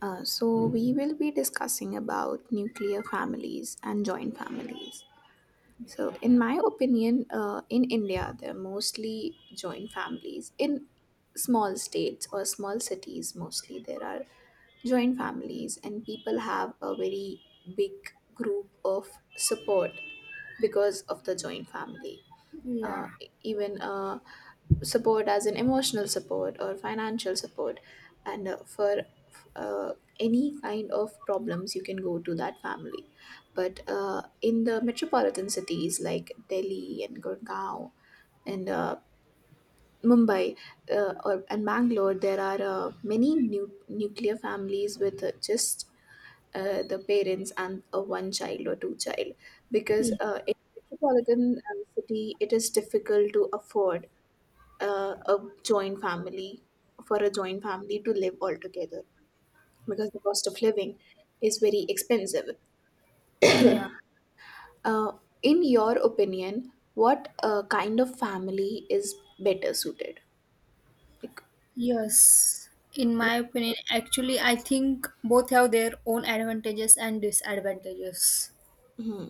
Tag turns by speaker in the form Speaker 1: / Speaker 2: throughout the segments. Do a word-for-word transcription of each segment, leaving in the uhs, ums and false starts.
Speaker 1: Uh, so we will be discussing about nuclear families and joint families. So in my opinion, uh, in India, there are mostly joint families. In small states or small cities, mostly there are joint families, and people have a very big group of support because of the joint family.
Speaker 2: Yeah,
Speaker 1: Uh, Even a support as in emotional support or financial support, and uh, for uh, any kind of problems you can go to that family. But uh, in the metropolitan cities like Delhi and Gurgaon and uh, Mumbai, uh, or, and Bangalore, there are uh, many nu- nuclear families with uh, just uh, the parents and a one child or two child, because
Speaker 2: y-
Speaker 1: uh, in metropolitan uh, city it is difficult to afford uh, a joint family for a joint family to live all together, because the cost of living is very expensive.
Speaker 2: yeah,
Speaker 1: Uh, in your opinion, what uh, kind of family is better suited? Like,
Speaker 2: yes. In my opinion, actually, I think both have their own advantages and disadvantages.
Speaker 1: hmm,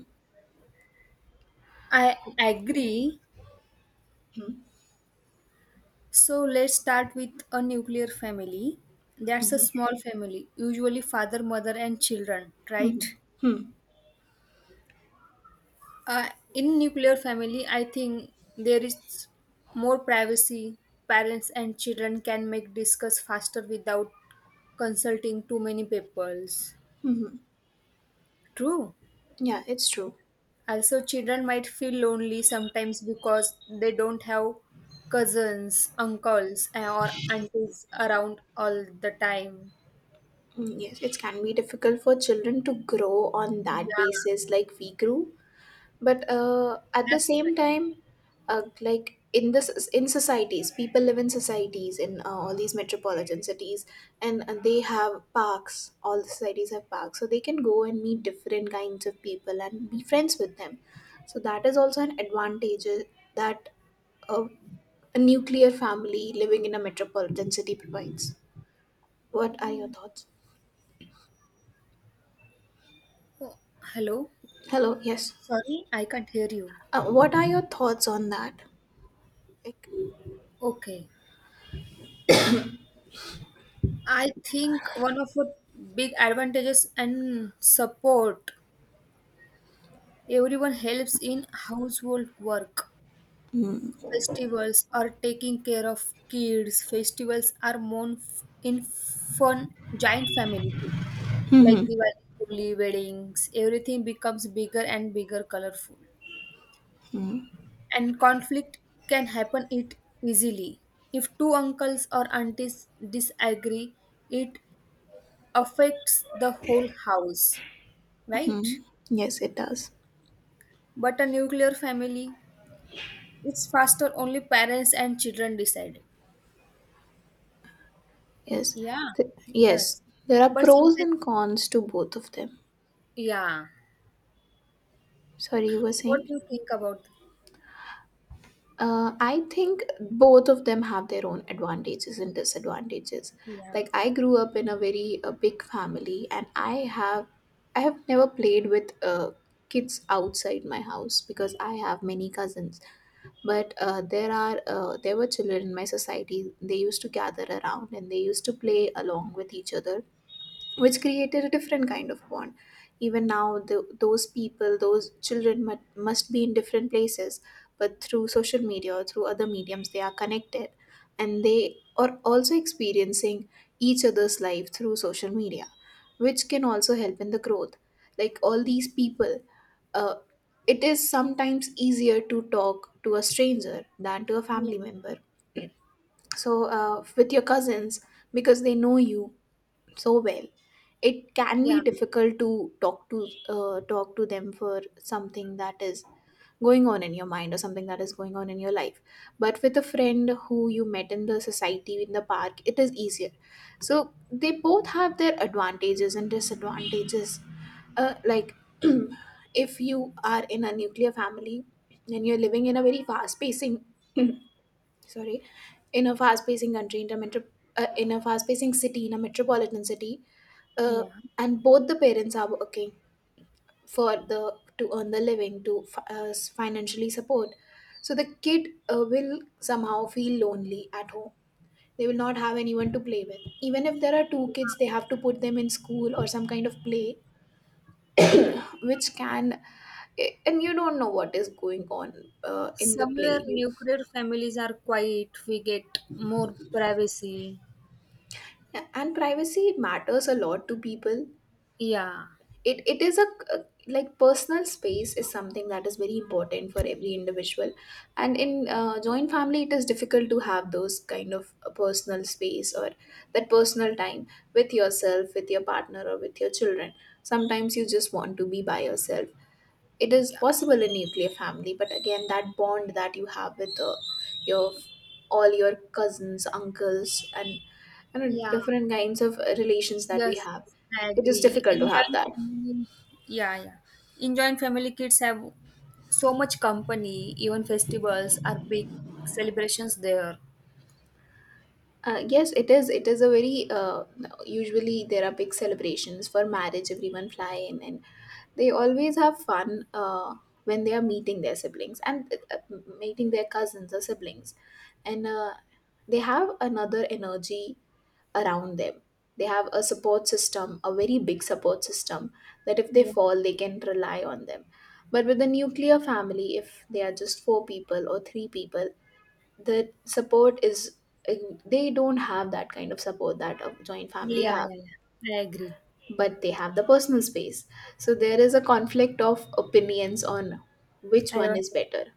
Speaker 2: I agree.
Speaker 1: hmm,
Speaker 2: So let's start with a nuclear family. That's a
Speaker 1: hmm,
Speaker 2: small family, usually father, mother, and children,
Speaker 1: hmm,
Speaker 2: right?
Speaker 1: hmm,
Speaker 2: Uh, in nuclear family, I think there is more privacy. Parents and children can make discuss faster without consulting too many peoples.
Speaker 1: hmm, hmm.
Speaker 2: True.
Speaker 1: Yeah, it's true.
Speaker 2: Also, children might feel lonely sometimes because they don't have cousins, uncles, eh, or aunties around all the time.
Speaker 1: Mm, yes, it can be difficult for children to grow on that
Speaker 2: Yeah,
Speaker 1: basis, like we grew. But uh, at the
Speaker 2: that's
Speaker 1: same
Speaker 2: right.
Speaker 1: time, uh, like in this in societies, people live in societies in uh, all these metropolitan cities, and, and they have parks, all the societies have parks, so they can go and meet different kinds of people and be friends with them. So that is also an advantage uh, that a, a nuclear family living in a metropolitan city provides. What are your thoughts?
Speaker 2: Oh, hello?
Speaker 1: Hello. Yes,
Speaker 2: Sorry, I can't hear you.
Speaker 1: uh, what are your thoughts on that? Like,
Speaker 2: Okay. I think one of the big advantages and support everyone helps in household work. Festivals are taking care of kids. Festivals are more f- in fun giant family too, like Diwali, Holi, weddings, everything becomes bigger and bigger, colorful. And conflict can happen it easily. If two uncles or aunties disagree, it affects the whole house, right?
Speaker 1: yes, it does.
Speaker 2: But a nuclear family, it's faster. Only parents and children decide.
Speaker 1: Yes.
Speaker 2: Yeah,
Speaker 1: Th- yes.
Speaker 2: yes.
Speaker 1: There are
Speaker 2: But
Speaker 1: pros
Speaker 2: sometimes,
Speaker 1: and cons to both of them.
Speaker 2: yeah.
Speaker 1: Sorry, you were
Speaker 2: What do
Speaker 1: saying?
Speaker 2: you think about?
Speaker 1: Uh, I think both of them have their own advantages and disadvantages.
Speaker 2: Yeah,
Speaker 1: Like, I grew up in a very uh, big family, and I have I have never played with uh, kids outside my house because I have many cousins. But uh, there are uh, there were children in my society. They used to gather around and they used to play along with each other, which created a different kind of bond. Even now, the, those people, those children mu- must be in different places, but through social media or through other mediums, they are connected, and they are also experiencing each other's life through social media, which can also help in the growth. Like, all these people, uh, it is sometimes easier to talk to a stranger than to a
Speaker 2: yeah,
Speaker 1: family member. So, uh, with your cousins, because they know you so well, it can be
Speaker 2: yeah,
Speaker 1: difficult to talk to uh, talk to them for something that is going on in your mind or something that is going on in your life, but with a friend who you met in the society in the park, it is easier. So they both have their advantages and disadvantages. Uh, like, if you are in a nuclear family and you're living in a very fast pacing, sorry, in a fast pacing country in a, metro, uh, in a fast pacing city in a metropolitan city, uh, and both the parents are working for the to earn the living, to fi- uh, financially support, so the kid uh, will somehow feel lonely at home. They will not have anyone to play with. Even if there are two kids, they have to put them in school or some kind of play,
Speaker 2: yeah.
Speaker 1: which can eh, and you don't know what is going on uh, in the play
Speaker 2: Somewhere
Speaker 1: you...
Speaker 2: nuclear families are quiet, we get more privacy.
Speaker 1: And privacy matters a lot to people.
Speaker 2: Yeah.
Speaker 1: it it is a Like, personal space is something that is very important for every individual. And in uh, joint family, it is difficult to have those kind of a personal space or that personal time, with yourself, with your partner, or with your children. Sometimes you just want to be by yourself. It is possible in nuclear family, but again, that bond that you have with uh, your all your cousins, uncles, and you know
Speaker 2: Yeah,
Speaker 1: different kinds of uh, relations that we
Speaker 2: yes,
Speaker 1: have,
Speaker 2: yes, I
Speaker 1: it is
Speaker 2: agree.
Speaker 1: difficult to
Speaker 2: In
Speaker 1: have
Speaker 2: joint
Speaker 1: that.
Speaker 2: family, yeah, yeah. In joint family, kids have so much company. Even festivals are big celebrations there.
Speaker 1: Uh, yes, it is. It is a very uh, Usually there are big celebrations for marriage. Everyone fly in, and they always have fun uh, when they are meeting their siblings, and uh, uh, meeting their cousins or siblings, and uh, they have another energy around them. They have a support system, a very big support system, that if they
Speaker 2: Yeah,
Speaker 1: fall, they can rely on them. But with a nuclear family, if they are just four people or three people, the support is eh, they don't have that kind of support that a joint family
Speaker 2: yeah,
Speaker 1: have.
Speaker 2: yeah, yeah. I agree.
Speaker 1: But they have the personal space, so there is a conflict of opinions on which one is
Speaker 2: Advantages.
Speaker 1: better.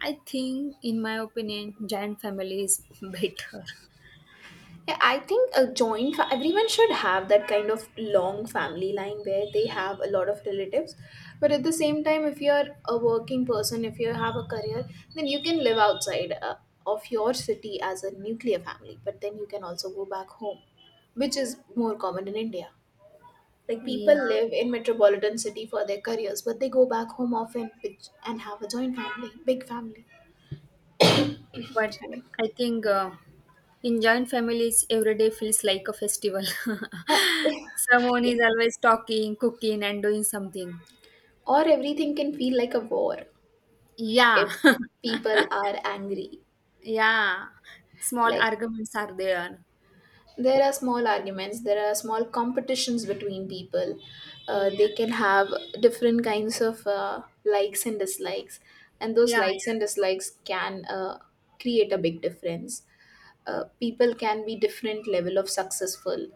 Speaker 2: I think, in my opinion, giant family is better.
Speaker 1: Yeah, I think a joint fa- everyone should have that kind of long family line where they have a lot of relatives. But at the same time, if you're a working person, if you have a career, then you can live outside uh, of your city as a nuclear family, but then you can also go back home, which is more common in India. Like,
Speaker 2: Yeah.
Speaker 1: people live in metropolitan city for their careers, but they go back home often, which, and have a joint family, big family.
Speaker 2: But
Speaker 1: Sorry.
Speaker 2: I think uh, in joint families, every day feels like a festival.
Speaker 1: Uh,
Speaker 2: Someone
Speaker 1: yeah.
Speaker 2: is always talking, cooking, and doing something.
Speaker 1: Or everything can feel like a war if
Speaker 2: Yeah,
Speaker 1: people are angry.
Speaker 2: yeah. Small
Speaker 1: Like,
Speaker 2: arguments are there.
Speaker 1: there are small arguments, there are small competitions between people. Uh, they
Speaker 2: Yeah,
Speaker 1: can have different kinds of uh, likes and dislikes, and those
Speaker 2: yeah,
Speaker 1: likes
Speaker 2: yeah,
Speaker 1: and dislikes can uh, create a big difference. Uh, people can be different level of successful.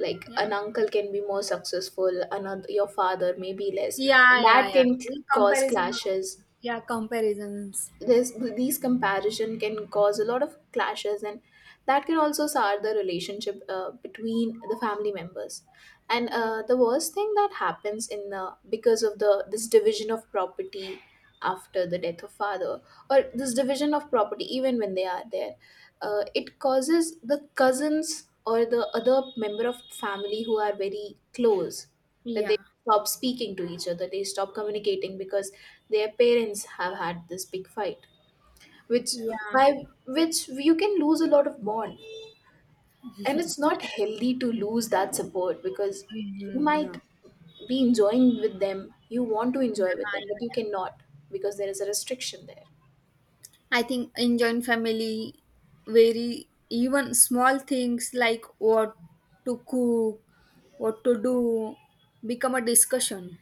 Speaker 1: Like, an uncle can be more successful, another your father maybe less,
Speaker 2: yeah,
Speaker 1: and
Speaker 2: yeah,
Speaker 1: that
Speaker 2: yeah,
Speaker 1: can
Speaker 2: yeah. In
Speaker 1: cause
Speaker 2: comparison,
Speaker 1: clashes.
Speaker 2: yeah, comparisons.
Speaker 1: This These comparison can cause a lot of clashes, and that can also sour the relationship uh, between the family members. And
Speaker 2: Yeah,
Speaker 1: uh, the worst thing that happens in the because of the this division of property after the death of father, or this division of property even when they are there, uh, it causes the cousins or the other member of family who are very close that
Speaker 2: yeah,
Speaker 1: stop speaking to each other. They stop communicating, because their parents have had this big fight, which
Speaker 2: yeah.
Speaker 1: by which you can lose a lot of bond. And it's not healthy to lose that support, because you
Speaker 2: Mhm,
Speaker 1: might
Speaker 2: no.
Speaker 1: be enjoying with them, you want to
Speaker 2: Yeah,
Speaker 1: enjoy with them, but you
Speaker 2: yeah.
Speaker 1: cannot, because there is a restriction there.
Speaker 2: I think in joint family, very even small things like what to cook, what to do, become a discussion.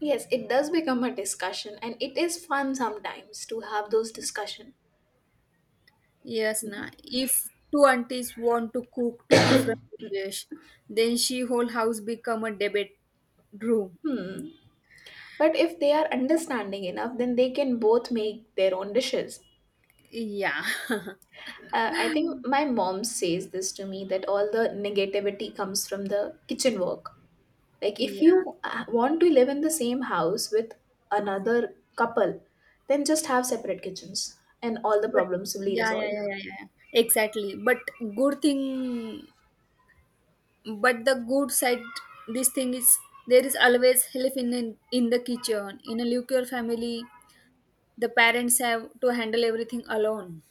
Speaker 1: Yes, it does become a discussion, and it is fun sometimes to have those discussion.
Speaker 2: Yes, na. If two aunties want to cook two different dishes, then she whole house become a debate room.
Speaker 1: But if they are understanding enough, then they can both make their own dishes.
Speaker 2: Yeah,
Speaker 1: Uh, I think my mom says this to me that all the negativity comes from the kitchen work. Like, if
Speaker 2: yeah.
Speaker 1: you uh, want to live in the same house with another couple, then just have separate kitchens and all the
Speaker 2: But
Speaker 1: problems will be
Speaker 2: yeah, yeah,
Speaker 1: resolved.
Speaker 2: yeah, yeah, yeah. Exactly. But good thing, but the good side this thing is, there is always help in the, in the kitchen. In a nuclear family the parents have to handle everything alone.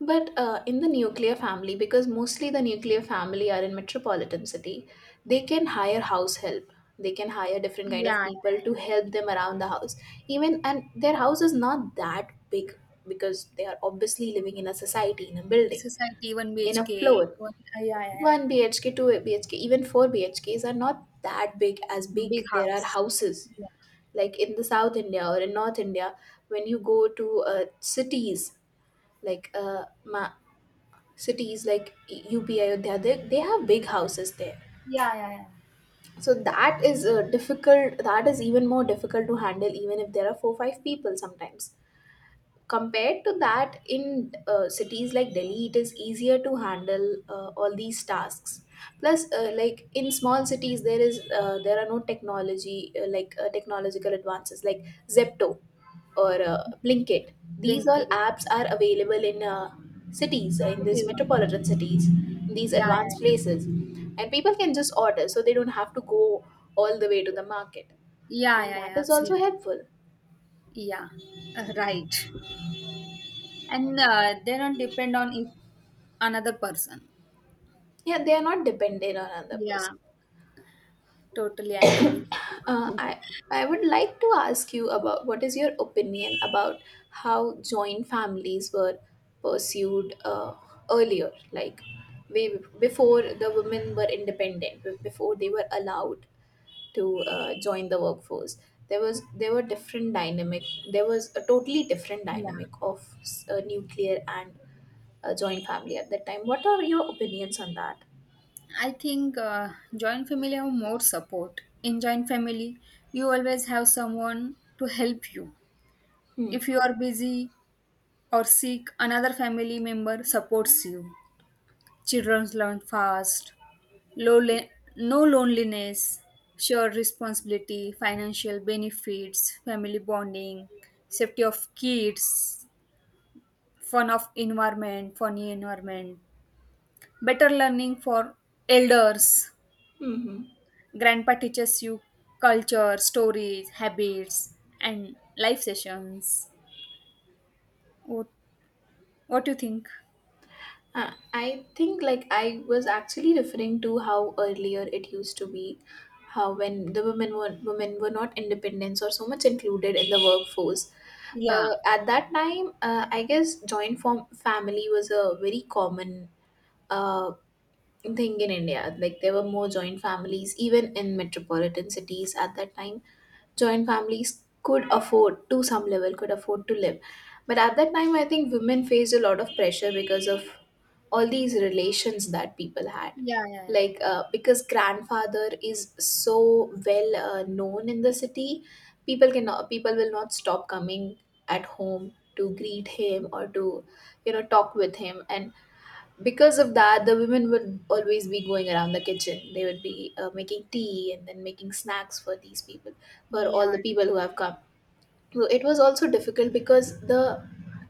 Speaker 1: But uh, in the nuclear family, because mostly the nuclear family are in metropolitan city, they can hire house help. They can hire different kind of
Speaker 2: Yeah, yeah,
Speaker 1: people
Speaker 2: yeah.
Speaker 1: to help them around the house. Even and their house is not that big, because they are obviously living in a society, in a building,
Speaker 2: Society, one
Speaker 1: in a
Speaker 2: BHK,
Speaker 1: floor.
Speaker 2: one uh, yeah, yeah, yeah.
Speaker 1: One B H K, two B H K, even four B H Ks are not that big as
Speaker 2: Big
Speaker 1: big. There are
Speaker 2: house.
Speaker 1: houses
Speaker 2: Yeah,
Speaker 1: like in the South India or in North India. When you go to uh, cities, like uh, Ma cities like U P Ayodhya, they, they have big houses there.
Speaker 2: yeah, yeah, yeah.
Speaker 1: So that is uh, difficult. That is even more difficult to handle, even if there are four five people sometimes, compared to that in uh, cities like Delhi, it is easier to handle uh, all these tasks. Plus uh, like in small cities, there is uh, there are no technology, uh, like uh, technological advances like Zepto or uh, Blinkit. These all
Speaker 2: Blinky
Speaker 1: apps are available in uh, cities, uh, in these
Speaker 2: city.
Speaker 1: metropolitan cities, in these
Speaker 2: Yeah,
Speaker 1: advanced
Speaker 2: yeah,
Speaker 1: places, and people can just order, so they don't have to go all the way to the market.
Speaker 2: yeah,
Speaker 1: And
Speaker 2: yeah, yeah,
Speaker 1: that
Speaker 2: yeah,
Speaker 1: is also
Speaker 2: absolutely.
Speaker 1: helpful.
Speaker 2: Yeah. Uh, right, and uh, they don't depend on each- another person.
Speaker 1: Yeah, they are not dependent on another
Speaker 2: Yeah,
Speaker 1: person.
Speaker 2: totally agree with.
Speaker 1: Uh, I I would like to ask you about what is your opinion about how joint families were pursued uh, earlier, like way before the women were independent, be- before they were allowed to uh, join the workforce. There was there were different dynamic. There was a totally different
Speaker 2: Yeah.
Speaker 1: dynamic of s- uh, nuclear and uh, joint family at that time. What are your opinions on that?
Speaker 2: I think uh, joint family have more support. In joint family, you always have someone to help you.
Speaker 1: Hmm.
Speaker 2: If you are busy or sick, another family member supports you. Children learn fast, low lo- no loneliness, shared responsibility, financial benefits, family bonding, safety of kids, fun of environment, funny environment, better learning for elders.
Speaker 1: Hmm.
Speaker 2: Grandpa teaches you culture, stories, habits, and life sessions. What What do you think?
Speaker 1: Uh, I think, like, I was actually referring to how earlier it used to be, how when the women were women were not independent or so much included in the workforce.
Speaker 2: Yeah,
Speaker 1: Uh, at that time, uh, I guess joint form family was a very common uh, thing in India. Like there were more joint families even in metropolitan cities at that time, joint families could afford to some level, could afford to live. But at that time I think women faced a lot of pressure because of all these relations that people had.
Speaker 2: yeah, yeah,
Speaker 1: Like, uh, because grandfather is so well uh, known in the city, people cannot people will not stop coming at home to greet him or to you know talk with him, and because of that the women would always be going around the kitchen. They would be uh, making tea and then making snacks for these people, for all
Speaker 2: yeah,
Speaker 1: the people who have come. So it was also difficult because the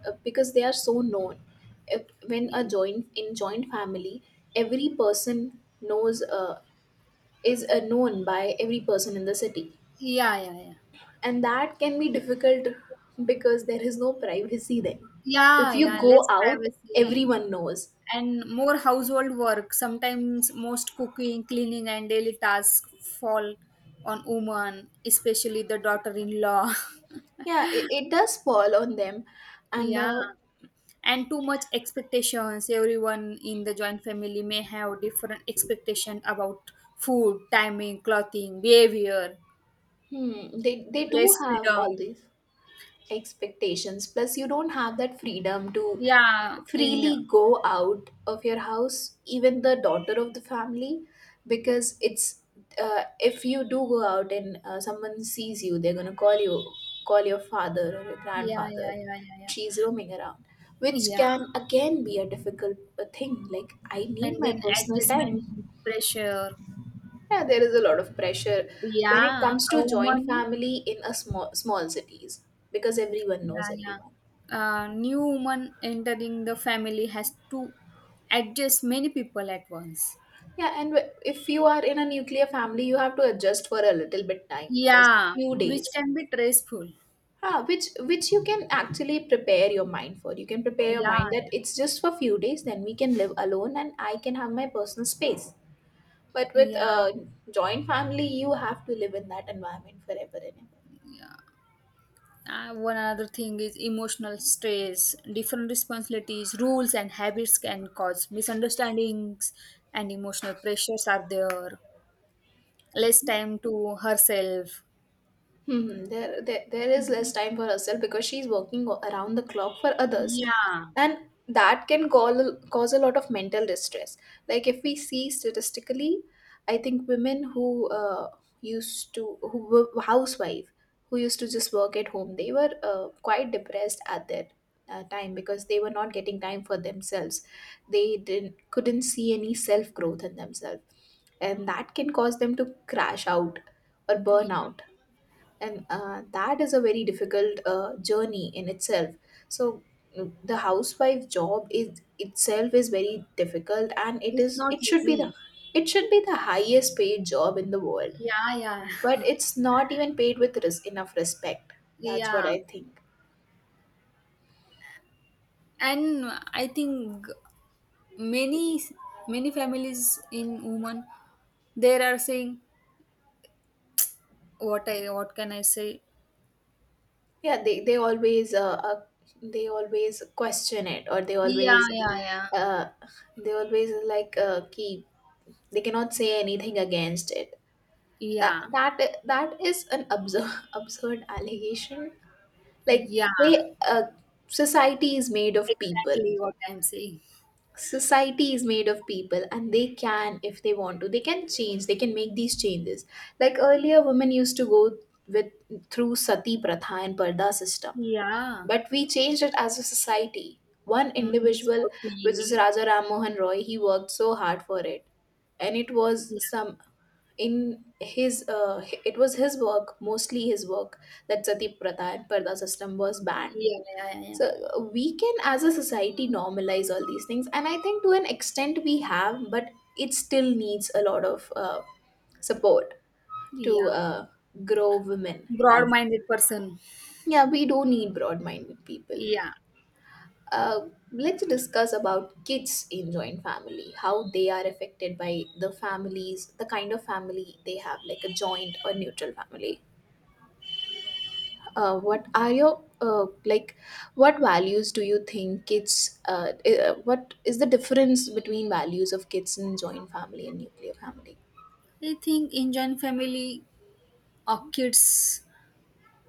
Speaker 1: uh, because they are so known. If, when a
Speaker 2: yeah,
Speaker 1: joint in joint family every person knows uh, is, uh, known by every person in the city,
Speaker 2: yeah, yeah, yeah.
Speaker 1: and that can be difficult because there is no privacy then. If
Speaker 2: Yeah,
Speaker 1: you
Speaker 2: yeah,
Speaker 1: go
Speaker 2: less
Speaker 1: out
Speaker 2: privacy
Speaker 1: everyone knows.
Speaker 2: and more household work. Sometimes most cooking, cleaning, and daily tasks fall on woman, especially the daughter-in-law.
Speaker 1: Yeah, it, it does fall on them, and
Speaker 2: Yeah,
Speaker 1: uh,
Speaker 2: and too much expectations. Everyone in the joint family may have different expectation about food, timing, clothing, behavior.
Speaker 1: hmm, they they do
Speaker 2: Less
Speaker 1: have
Speaker 2: freedom.
Speaker 1: all these expectations. Plus, you don't have that freedom to
Speaker 2: Yeah, in
Speaker 1: freely go out of your house, even the daughter of the family, because it's uh, if you do go out and uh, someone sees you, they're gonna call you, call your father or your
Speaker 2: yeah, yeah,
Speaker 1: grandfather.
Speaker 2: yeah, yeah, yeah,
Speaker 1: She's roaming around, which
Speaker 2: yeah.
Speaker 1: can again be a difficult uh, thing. Like, I
Speaker 2: And
Speaker 1: need my
Speaker 2: then
Speaker 1: personal
Speaker 2: adjustment
Speaker 1: time.
Speaker 2: pressure.
Speaker 1: Yeah, there is a lot of pressure when it
Speaker 2: Yeah,
Speaker 1: comes
Speaker 2: a
Speaker 1: to
Speaker 2: woman,
Speaker 1: joint family in a small small cities because everyone knows
Speaker 2: yeah, yeah.
Speaker 1: everyone.
Speaker 2: Uh, new woman entering the family has to adjust many people at once.
Speaker 1: Yeah, and wh- if you are in a nuclear family, you have to adjust for a little bit time, first
Speaker 2: Yeah,
Speaker 1: few
Speaker 2: which
Speaker 1: days.
Speaker 2: can be stressful.
Speaker 1: Ah, which which you can actually prepare your mind for. You can prepare your
Speaker 2: Yeah,
Speaker 1: mind that
Speaker 2: yeah,
Speaker 1: it's just for few days, then we can live alone and I can have my personal space. But with
Speaker 2: yeah.
Speaker 1: a joint family, you have to live in that environment forever and ever.
Speaker 2: Uh, one other thing is emotional stress. Different responsibilities, rules, and habits can cause misunderstandings, and emotional pressures are there. Less time to herself.
Speaker 1: Hmm, there, there, there is less time for herself because she's working o- around the clock for others,
Speaker 2: Yeah.
Speaker 1: and that can call, cause a lot of mental distress. Like, if we see statistically, I think women who uh, used to who were housewife, who used to just work at home, they were uh, quite depressed at their uh, time because they were not getting time for themselves. They didn't couldn't see any self growth in themselves, and that can cause them to crash out or
Speaker 2: Yeah.
Speaker 1: burn out, and uh, that is a very difficult uh, journey in itself. So mm, the housewife job is itself is very difficult, and it
Speaker 2: It's
Speaker 1: is
Speaker 2: not
Speaker 1: it should be the
Speaker 2: easy.
Speaker 1: it should be the highest paid job in the world,
Speaker 2: Yeah, yeah,
Speaker 1: but it's not even paid with res- enough respect. That's what
Speaker 2: yeah.
Speaker 1: I think.
Speaker 2: And I think many, many families in women, they are saying, what I, what can I say?
Speaker 1: Yeah, they, they always uh, uh, they always question it, or they
Speaker 2: Yeah,
Speaker 1: always
Speaker 2: yeah, yeah.
Speaker 1: uh, they always like uh, keep they cannot say anything against it. that
Speaker 2: Yeah,
Speaker 1: that that is an absurd absurd allegation. Like,
Speaker 2: yeah.
Speaker 1: they uh, society is made of people.
Speaker 2: Exactly what I'm saying.
Speaker 1: Society is made of people, and they can if they want to they can change, they can make these changes. Like earlier women used to go with through sati pratha and parda system,
Speaker 2: Yeah,
Speaker 1: but we changed it as a society. One
Speaker 2: minus
Speaker 1: individual,
Speaker 2: would
Speaker 1: which is
Speaker 2: be
Speaker 1: Raja Ram Mohan Roy, he worked so hard for it, and it was
Speaker 2: yeah,
Speaker 1: some, in his uh, h- it was his work, mostly his work, that sati pratha and parda system was banned.
Speaker 2: yeah, yeah, yeah,
Speaker 1: So, uh, we can as a society normalize all these things, and I think to an extent we have, but it still needs a lot of uh, support to
Speaker 2: yeah.
Speaker 1: uh, grow women as
Speaker 2: Broad-minded
Speaker 1: well.
Speaker 2: person.
Speaker 1: Yeah, we do need broad-minded people.
Speaker 2: Yeah,
Speaker 1: uh, let's discuss about kids in joint family, how they are affected by the families, the kind of family they have, like a joint or neutral family. Uh, what are your, uh, like, what values do you think kids, uh, eh, uh, what is the difference between values of kids in joint family and nuclear family?
Speaker 2: I think Indian family orchids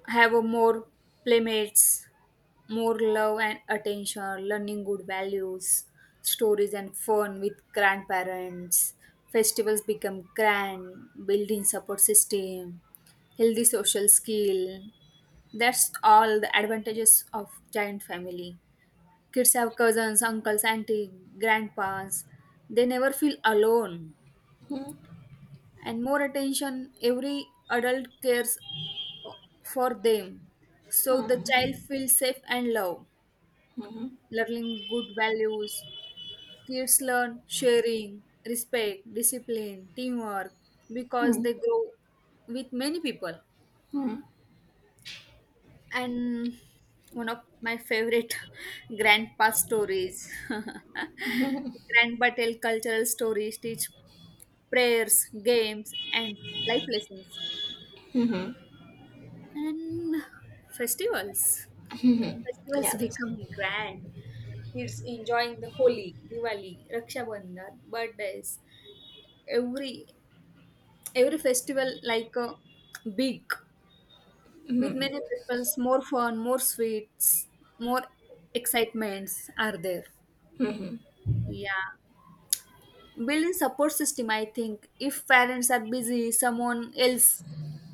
Speaker 2: have a more playmates, more love and attention, learning good values, stories and fun with grandparents. Festivals become grand, building support system, healthy social skill. That's all the advantages of giant family. Kids have cousins, uncles, auntie, grandpas. They never feel alone.
Speaker 1: Mm-hmm.
Speaker 2: And more attention, every adult cares for them. So the child feels safe and loved,
Speaker 1: Hmm.
Speaker 2: learning good values. Kids learn sharing, respect, discipline, teamwork because they grow with many people.
Speaker 1: Hmm.
Speaker 2: And one of my favorite grandpa stories. Grandpa tell cultural stories, teach prayers, games, and life lessons.
Speaker 1: Hmm.
Speaker 2: And festivals. Festivals
Speaker 1: Yes.
Speaker 2: become grand. Kids enjoying the Holi, Diwali, Raksha Bandhan, birthdays, every every festival like uh, big, with many peoples, more fun, more sweets, more excitements are there. Yeah, building support system. I think if parents are busy, someone else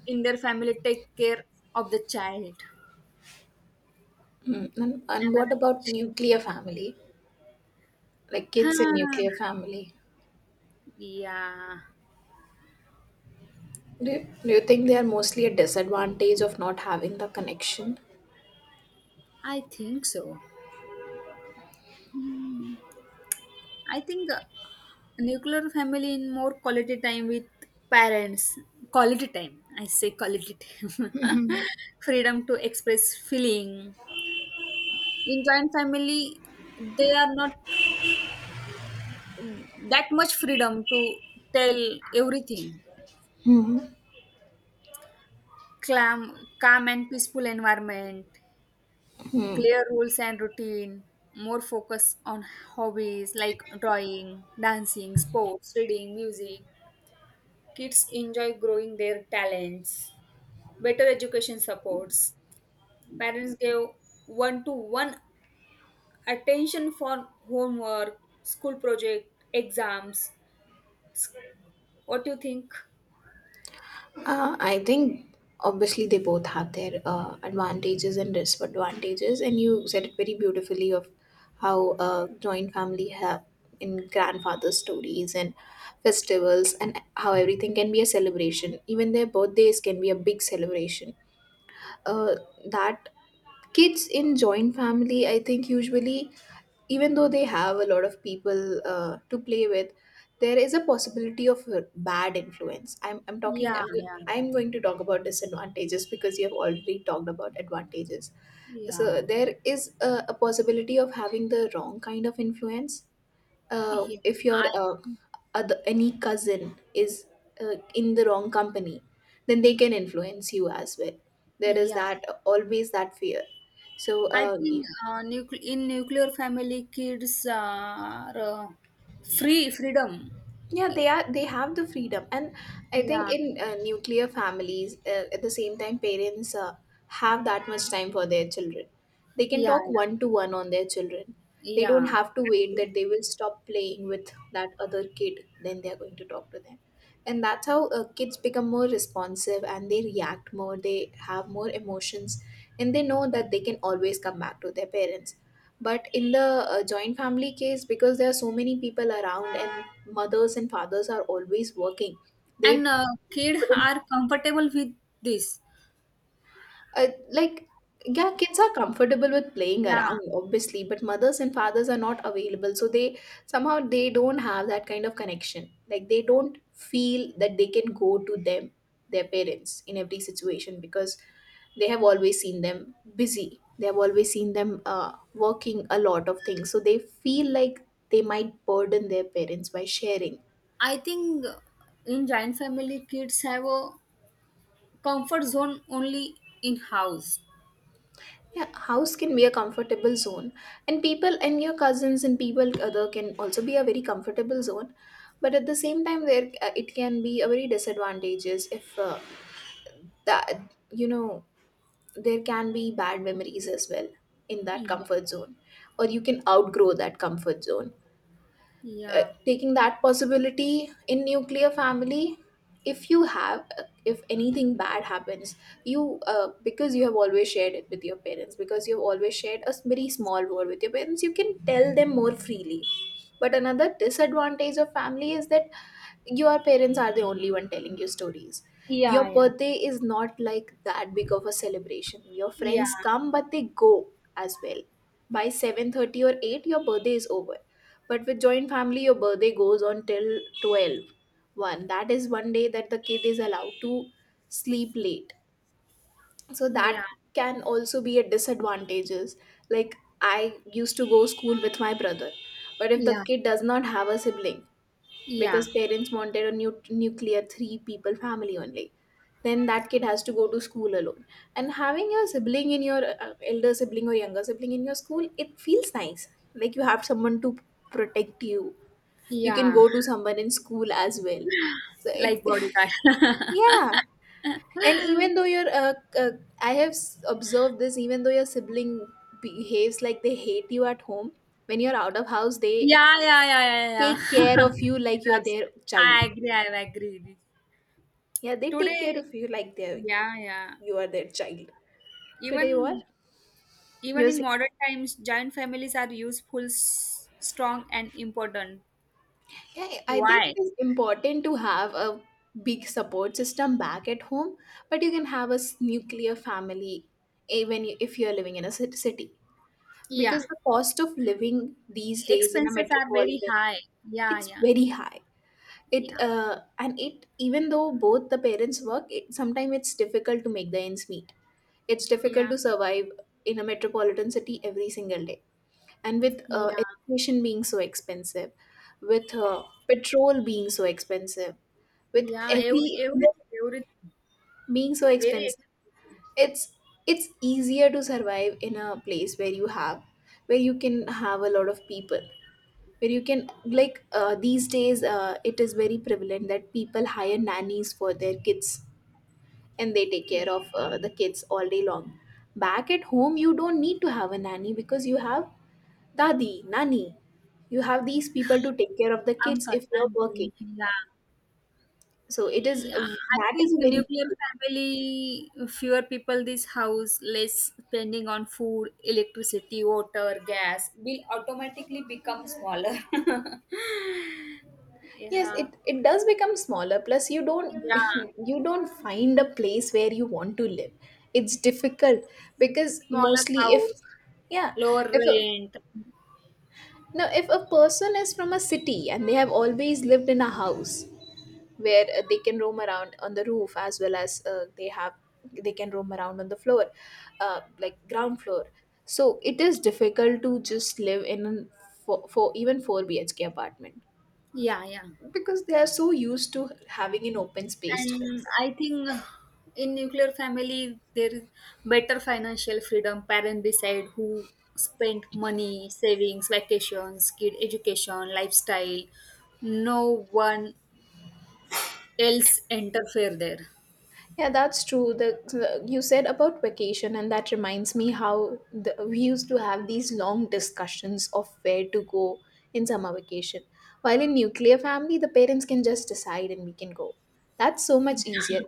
Speaker 2: in their family take care of the child.
Speaker 1: Mm. and,
Speaker 2: Am
Speaker 1: and
Speaker 2: I
Speaker 1: what about
Speaker 2: right?
Speaker 1: nuclear family, like kids in
Speaker 2: Huh.
Speaker 1: nuclear family,
Speaker 2: Yeah,
Speaker 1: do you, do you think they are mostly a disadvantage of not having the connection?
Speaker 2: I think so. I think uh, nuclear family in more quality time with parents. Quality time, I say quality time. Freedom to express feeling. In joint family they are not that much freedom to tell everything. Calm, calm and peaceful environment, clear rules and routine, more focus on hobbies like drawing, dancing, sports, reading, music. Kids enjoy growing their talents, better education supports. Parents gave one to one attention for homework, school project, exams. What do you think?
Speaker 1: Uh, I think obviously they both have their uh, advantages and disadvantages, and you said it very beautifully of how uh, joint family have in grandfather stories and festivals, and how everything can be a celebration. Even their birthdays can be a big celebration. uh, that kids in joint family, I think usually, even though they have a lot of people uh, to play with, there is a possibility of a bad influence. i'm, I'm talking
Speaker 2: Yeah,
Speaker 1: I'm, go-
Speaker 2: yeah,
Speaker 1: I'm going to talk about disadvantages because you have already talked about advantages. So
Speaker 2: yeah,
Speaker 1: there is a, a possibility of having the wrong kind of influence, uh,
Speaker 2: yeah.
Speaker 1: if your
Speaker 2: I
Speaker 1: uh, other, any cousin is uh, in the wrong company, then they can influence you as well. There is
Speaker 2: yeah,
Speaker 1: that, always that fear. So,
Speaker 2: I
Speaker 1: uh,
Speaker 2: think uh, nucle in nuclear family, kids are uh, free freedom.
Speaker 1: yeah, they are they have the freedom, and I think
Speaker 2: Yeah,
Speaker 1: in uh, nuclear families, uh, at the same time parents uh, have that much time for their children. They can
Speaker 2: yeah,
Speaker 1: talk one to one on their children. They don't
Speaker 2: yeah,
Speaker 1: have to wait
Speaker 2: yeah.
Speaker 1: that they will stop playing with that other kid then they are going to talk to them. And that's how uh, kids become more responsive, and they react more, they have more emotions, and they know that they can always come back to their parents. But in the uh, joint family case, because there are so many people around and mothers and fathers are always working, they
Speaker 2: And uh, kid
Speaker 1: couldn't,
Speaker 2: are comfortable with this.
Speaker 1: uh, like, yeah, kids are comfortable with playing
Speaker 2: Yeah,
Speaker 1: around obviously, but mothers and fathers are not available, so they somehow they don't have that kind of connection, like they don't feel that they can go to them, their parents, in every situation, because they have always seen them busy, they have always seen them uh, working a lot of things, so they feel like they might burden their parents by sharing.
Speaker 2: I think in giant family, kids have a comfort zone only in house.
Speaker 1: Yeah, house can be a comfortable zone, and people and your cousins and people other can also be a very comfortable zone. But at the same time, there uh, it can be a very disadvantages if, uh, that you know there can be bad memories as well in that
Speaker 2: Yeah,
Speaker 1: comfort zone, or you can outgrow that comfort zone. Uh,
Speaker 2: yeah,
Speaker 1: taking that possibility in nuclear family, if you have, if anything bad happens, you uh, because you have always shared it with your parents, because you've always shared a very small word with your parents, you can tell them more freely. But another disadvantage of family is that your parents are the only one telling you stories. Your
Speaker 2: yeah, yeah,
Speaker 1: birthday is not like that big of a celebration. Your
Speaker 2: yeah,
Speaker 1: friends come but they go as well. By seven thirty or eight your birthday is over, but with joint family your birthday goes on till twelve one. That is one day that the kid is allowed to sleep late, so that
Speaker 2: yeah,
Speaker 1: can also be a disadvantages. Like, I used to go school with my brother, but if the
Speaker 2: yeah,
Speaker 1: kid does not have a sibling because
Speaker 2: yeah,
Speaker 1: parents wanted a nu- nuclear three people family only, then that kid has to go to school alone. And having your sibling in your, uh, elder sibling or younger sibling in your school, it feels nice, like you have someone to protect you, you can
Speaker 2: yeah.
Speaker 1: go to someone in school as well, so it
Speaker 2: Like bodyguard.
Speaker 1: yeah. And even though your uh, uh, i have s- observed this, even though your sibling behaves like they hate you at home, when you're out of house they
Speaker 2: Yeah, yeah, yeah, yeah, yeah.
Speaker 1: take care of you like
Speaker 2: It's
Speaker 1: you're
Speaker 2: abs-
Speaker 1: their child.
Speaker 2: I agree. I agree with it.
Speaker 1: Yeah, they take care
Speaker 2: Today,
Speaker 1: of you like they
Speaker 2: yeah, yeah.
Speaker 1: you are their child. Today, what
Speaker 2: Even, even
Speaker 1: you're
Speaker 2: in
Speaker 1: saying?
Speaker 2: modern times, giant families are useful, s- strong, and important.
Speaker 1: Yeah, I think
Speaker 2: Why?
Speaker 1: it is important to have a big support system back at home, but you can have a s- nuclear family even i- if you're living in a cit- city,
Speaker 2: Yeah.
Speaker 1: because the cost of living these days in a
Speaker 2: Expenses are very
Speaker 1: metropolitan,
Speaker 2: high, yeah,
Speaker 1: it's
Speaker 2: yeah,
Speaker 1: very high.
Speaker 2: yeah,
Speaker 1: It uh, and it, even though both the parents work, it, sometimes it's difficult to make the ends meet. It's difficult
Speaker 2: yeah,
Speaker 1: to survive in a metropolitan city every single day, and with uh,
Speaker 2: yeah,
Speaker 1: education being so expensive, with uh, petrol being so expensive, with
Speaker 2: yeah,
Speaker 1: every
Speaker 2: every,
Speaker 1: single
Speaker 2: everything, everything
Speaker 1: being so
Speaker 2: very
Speaker 1: expensive, it's it's easier to survive in a place where you have, where you can have a lot of people, where you can, like, uh, these days uh, it is very prevalent that people hire nannies for their kids and they take
Speaker 2: expensive.
Speaker 1: care of
Speaker 2: Yeah.
Speaker 1: uh, the kids all day long. Back at home you don't need to have a nanny because you have Dadi, Nani, you have these people to take care of the kids
Speaker 2: Uncle,
Speaker 1: if you're
Speaker 2: auntie,
Speaker 1: working.
Speaker 2: yeah.
Speaker 1: So it is
Speaker 2: Yeah, I
Speaker 1: That is a
Speaker 2: think
Speaker 1: very
Speaker 2: nuclear
Speaker 1: useful part.
Speaker 2: family fewer people, this house less spending on food, electricity, water, gas will automatically become smaller.
Speaker 1: Yes,
Speaker 2: Yeah,
Speaker 1: it, it does become smaller. Plus, you don't
Speaker 2: yeah.
Speaker 1: you don't find a place where you want to live. It's difficult because
Speaker 2: Smaller
Speaker 1: mostly if
Speaker 2: house,
Speaker 1: yeah
Speaker 2: lower
Speaker 1: if a,
Speaker 2: rent.
Speaker 1: no if a person is from a city and they have always lived in a house where uh, they can roam around on the roof as well as uh, they have they can roam around on the floor uh, like ground floor so it is difficult to just live in an for, for even four B H K apartment
Speaker 2: Yeah, yeah.
Speaker 1: because they are so used to having an open space to
Speaker 2: And
Speaker 1: themselves.
Speaker 2: I think in nuclear family there is better financial freedom. Parent decide who spend money, savings, vacations, kid education, lifestyle. No one else interfere there.
Speaker 1: Yeah, that's true. The, the- you said about vacation, and that reminds me how the, we used to have these long discussions of where to go in summer vacation. While in nuclear family, the parents can just decide and we can go. That's so much easier.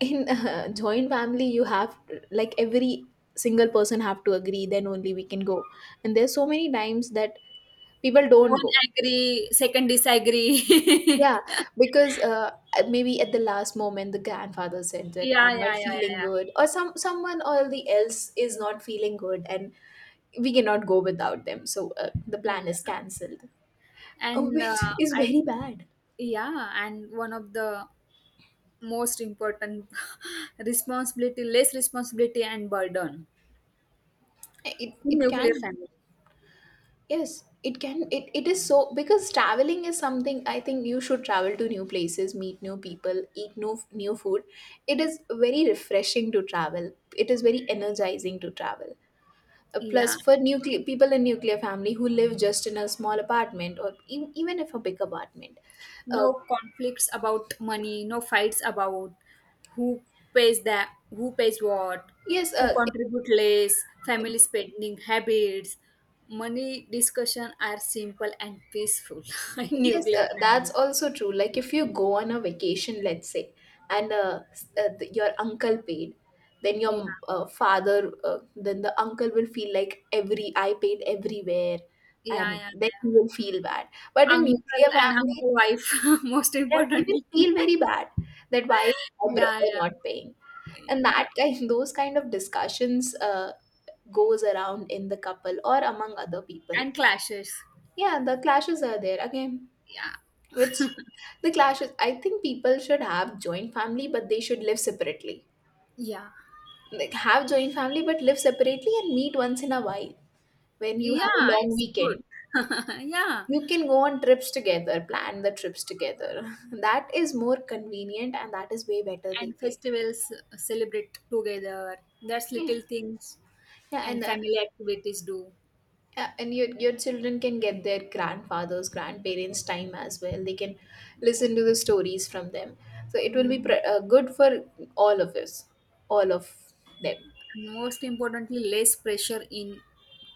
Speaker 1: In uh, joint family, you have like every single person have to agree, then only we can go. And there's so many times that people don't
Speaker 2: One
Speaker 1: go.
Speaker 2: agree, second disagree.
Speaker 1: Yeah, because uh, maybe at the last moment the grandfather said that
Speaker 2: Yeah,
Speaker 1: I'm
Speaker 2: yeah,
Speaker 1: not
Speaker 2: yeah, yeah,
Speaker 1: feeling
Speaker 2: yeah,
Speaker 1: good, or some someone or the else is not feeling good, and we cannot go without them. So uh, the plan is
Speaker 2: yeah.
Speaker 1: cancelled, uh,
Speaker 2: And
Speaker 1: which
Speaker 2: uh,
Speaker 1: is
Speaker 2: I
Speaker 1: very
Speaker 2: think
Speaker 1: bad.
Speaker 2: yeah, and one of the most important responsibility, less responsibility and burden.
Speaker 1: It it
Speaker 2: Nuclear
Speaker 1: can
Speaker 2: family.
Speaker 1: yes it can it, it is so because traveling is something I think you should travel to new places, meet new people, eat new new food. It is very refreshing to travel. It is very energizing to travel. Uh, plus
Speaker 2: Yeah,
Speaker 1: for nuclear people in nuclear family who live just in a small apartment or e- even if a big apartment. uh,
Speaker 2: no conflicts about money, no fights about who pays that, who pays what,
Speaker 1: yes,
Speaker 2: who
Speaker 1: uh,
Speaker 2: contribute less, family spending habits. Money discussion are simple and peaceful in
Speaker 1: yes,
Speaker 2: nuclear
Speaker 1: uh, that's
Speaker 2: family.
Speaker 1: also true, like if you go on a vacation let's say and uh, s- uh, th- your uncle paid then
Speaker 2: Yeah,
Speaker 1: your uh, father uh, then the uncle will feel like every I paid everywhere
Speaker 2: yeah, yeah,
Speaker 1: and then he
Speaker 2: yeah.
Speaker 1: will feel bad but in
Speaker 2: Uncle
Speaker 1: nuclear
Speaker 2: and
Speaker 1: family.
Speaker 2: uncle wife, most
Speaker 1: Yeah, they will
Speaker 2: importantly.
Speaker 1: feel very bad that why is my
Speaker 2: Yeah,
Speaker 1: brother not
Speaker 2: yeah,
Speaker 1: paying, and that
Speaker 2: yeah.
Speaker 1: kind those kind of discussions uh, goes around in the couple or among other people.
Speaker 2: And clashes.
Speaker 1: Yeah, the clashes are there again,
Speaker 2: Yeah,
Speaker 1: which the clashes I think people should have joint family but they should live separately,
Speaker 2: yeah,
Speaker 1: like have joint family but live separately and meet once in a while when you
Speaker 2: yeah.
Speaker 1: have a long
Speaker 2: It's good.
Speaker 1: weekend.
Speaker 2: Yeah,
Speaker 1: You can go on trips together, plan the trips together. That is more convenient and that is way better they
Speaker 2: and
Speaker 1: pay.
Speaker 2: festivals uh, celebrate together. That's
Speaker 1: Yeah,
Speaker 2: little things
Speaker 1: yeah and
Speaker 2: and
Speaker 1: uh,
Speaker 2: family activities do.
Speaker 1: yeah, and your your children can get their grandfathers grandparents time as well, they can listen to the stories from them, so it will be
Speaker 2: Mm,
Speaker 1: pre- uh, good for all of us, all of them.
Speaker 2: most importantly, less pressure in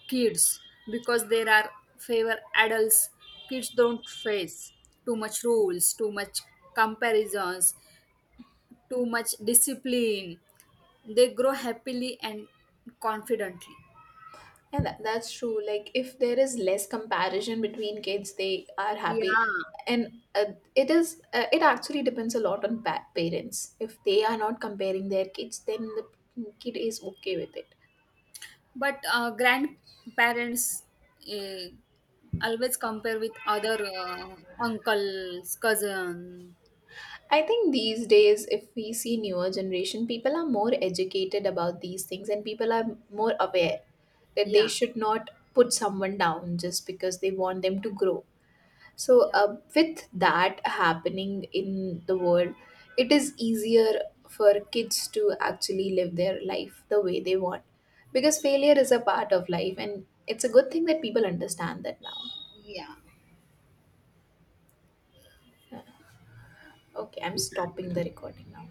Speaker 2: kids because there are favor adults. Kids don't face too much rules, too much comparisons, too much discipline. They grow happily and confidently.
Speaker 1: And that, that's true, like if there is less comparison between kids they are happy.
Speaker 2: Yeah,
Speaker 1: And uh, it is uh, it actually depends a lot on pa- parents, if they are not comparing their kids, then the kid is okay with it.
Speaker 2: but uh, grandparents uh, always compare with other uh, uncles, cousin.
Speaker 1: I think these days, if we see newer generation, people are more educated about these things and people are more aware that they
Speaker 2: Yeah,
Speaker 1: should not put someone down just because they want them to grow. So,
Speaker 2: yeah.
Speaker 1: uh, with that happening in the world, it is easier for kids to actually live their life the way they want, because failure is a part of life and it's a good thing that people understand that now.
Speaker 2: Yeah.
Speaker 1: Okay, I'm stopping the recording now.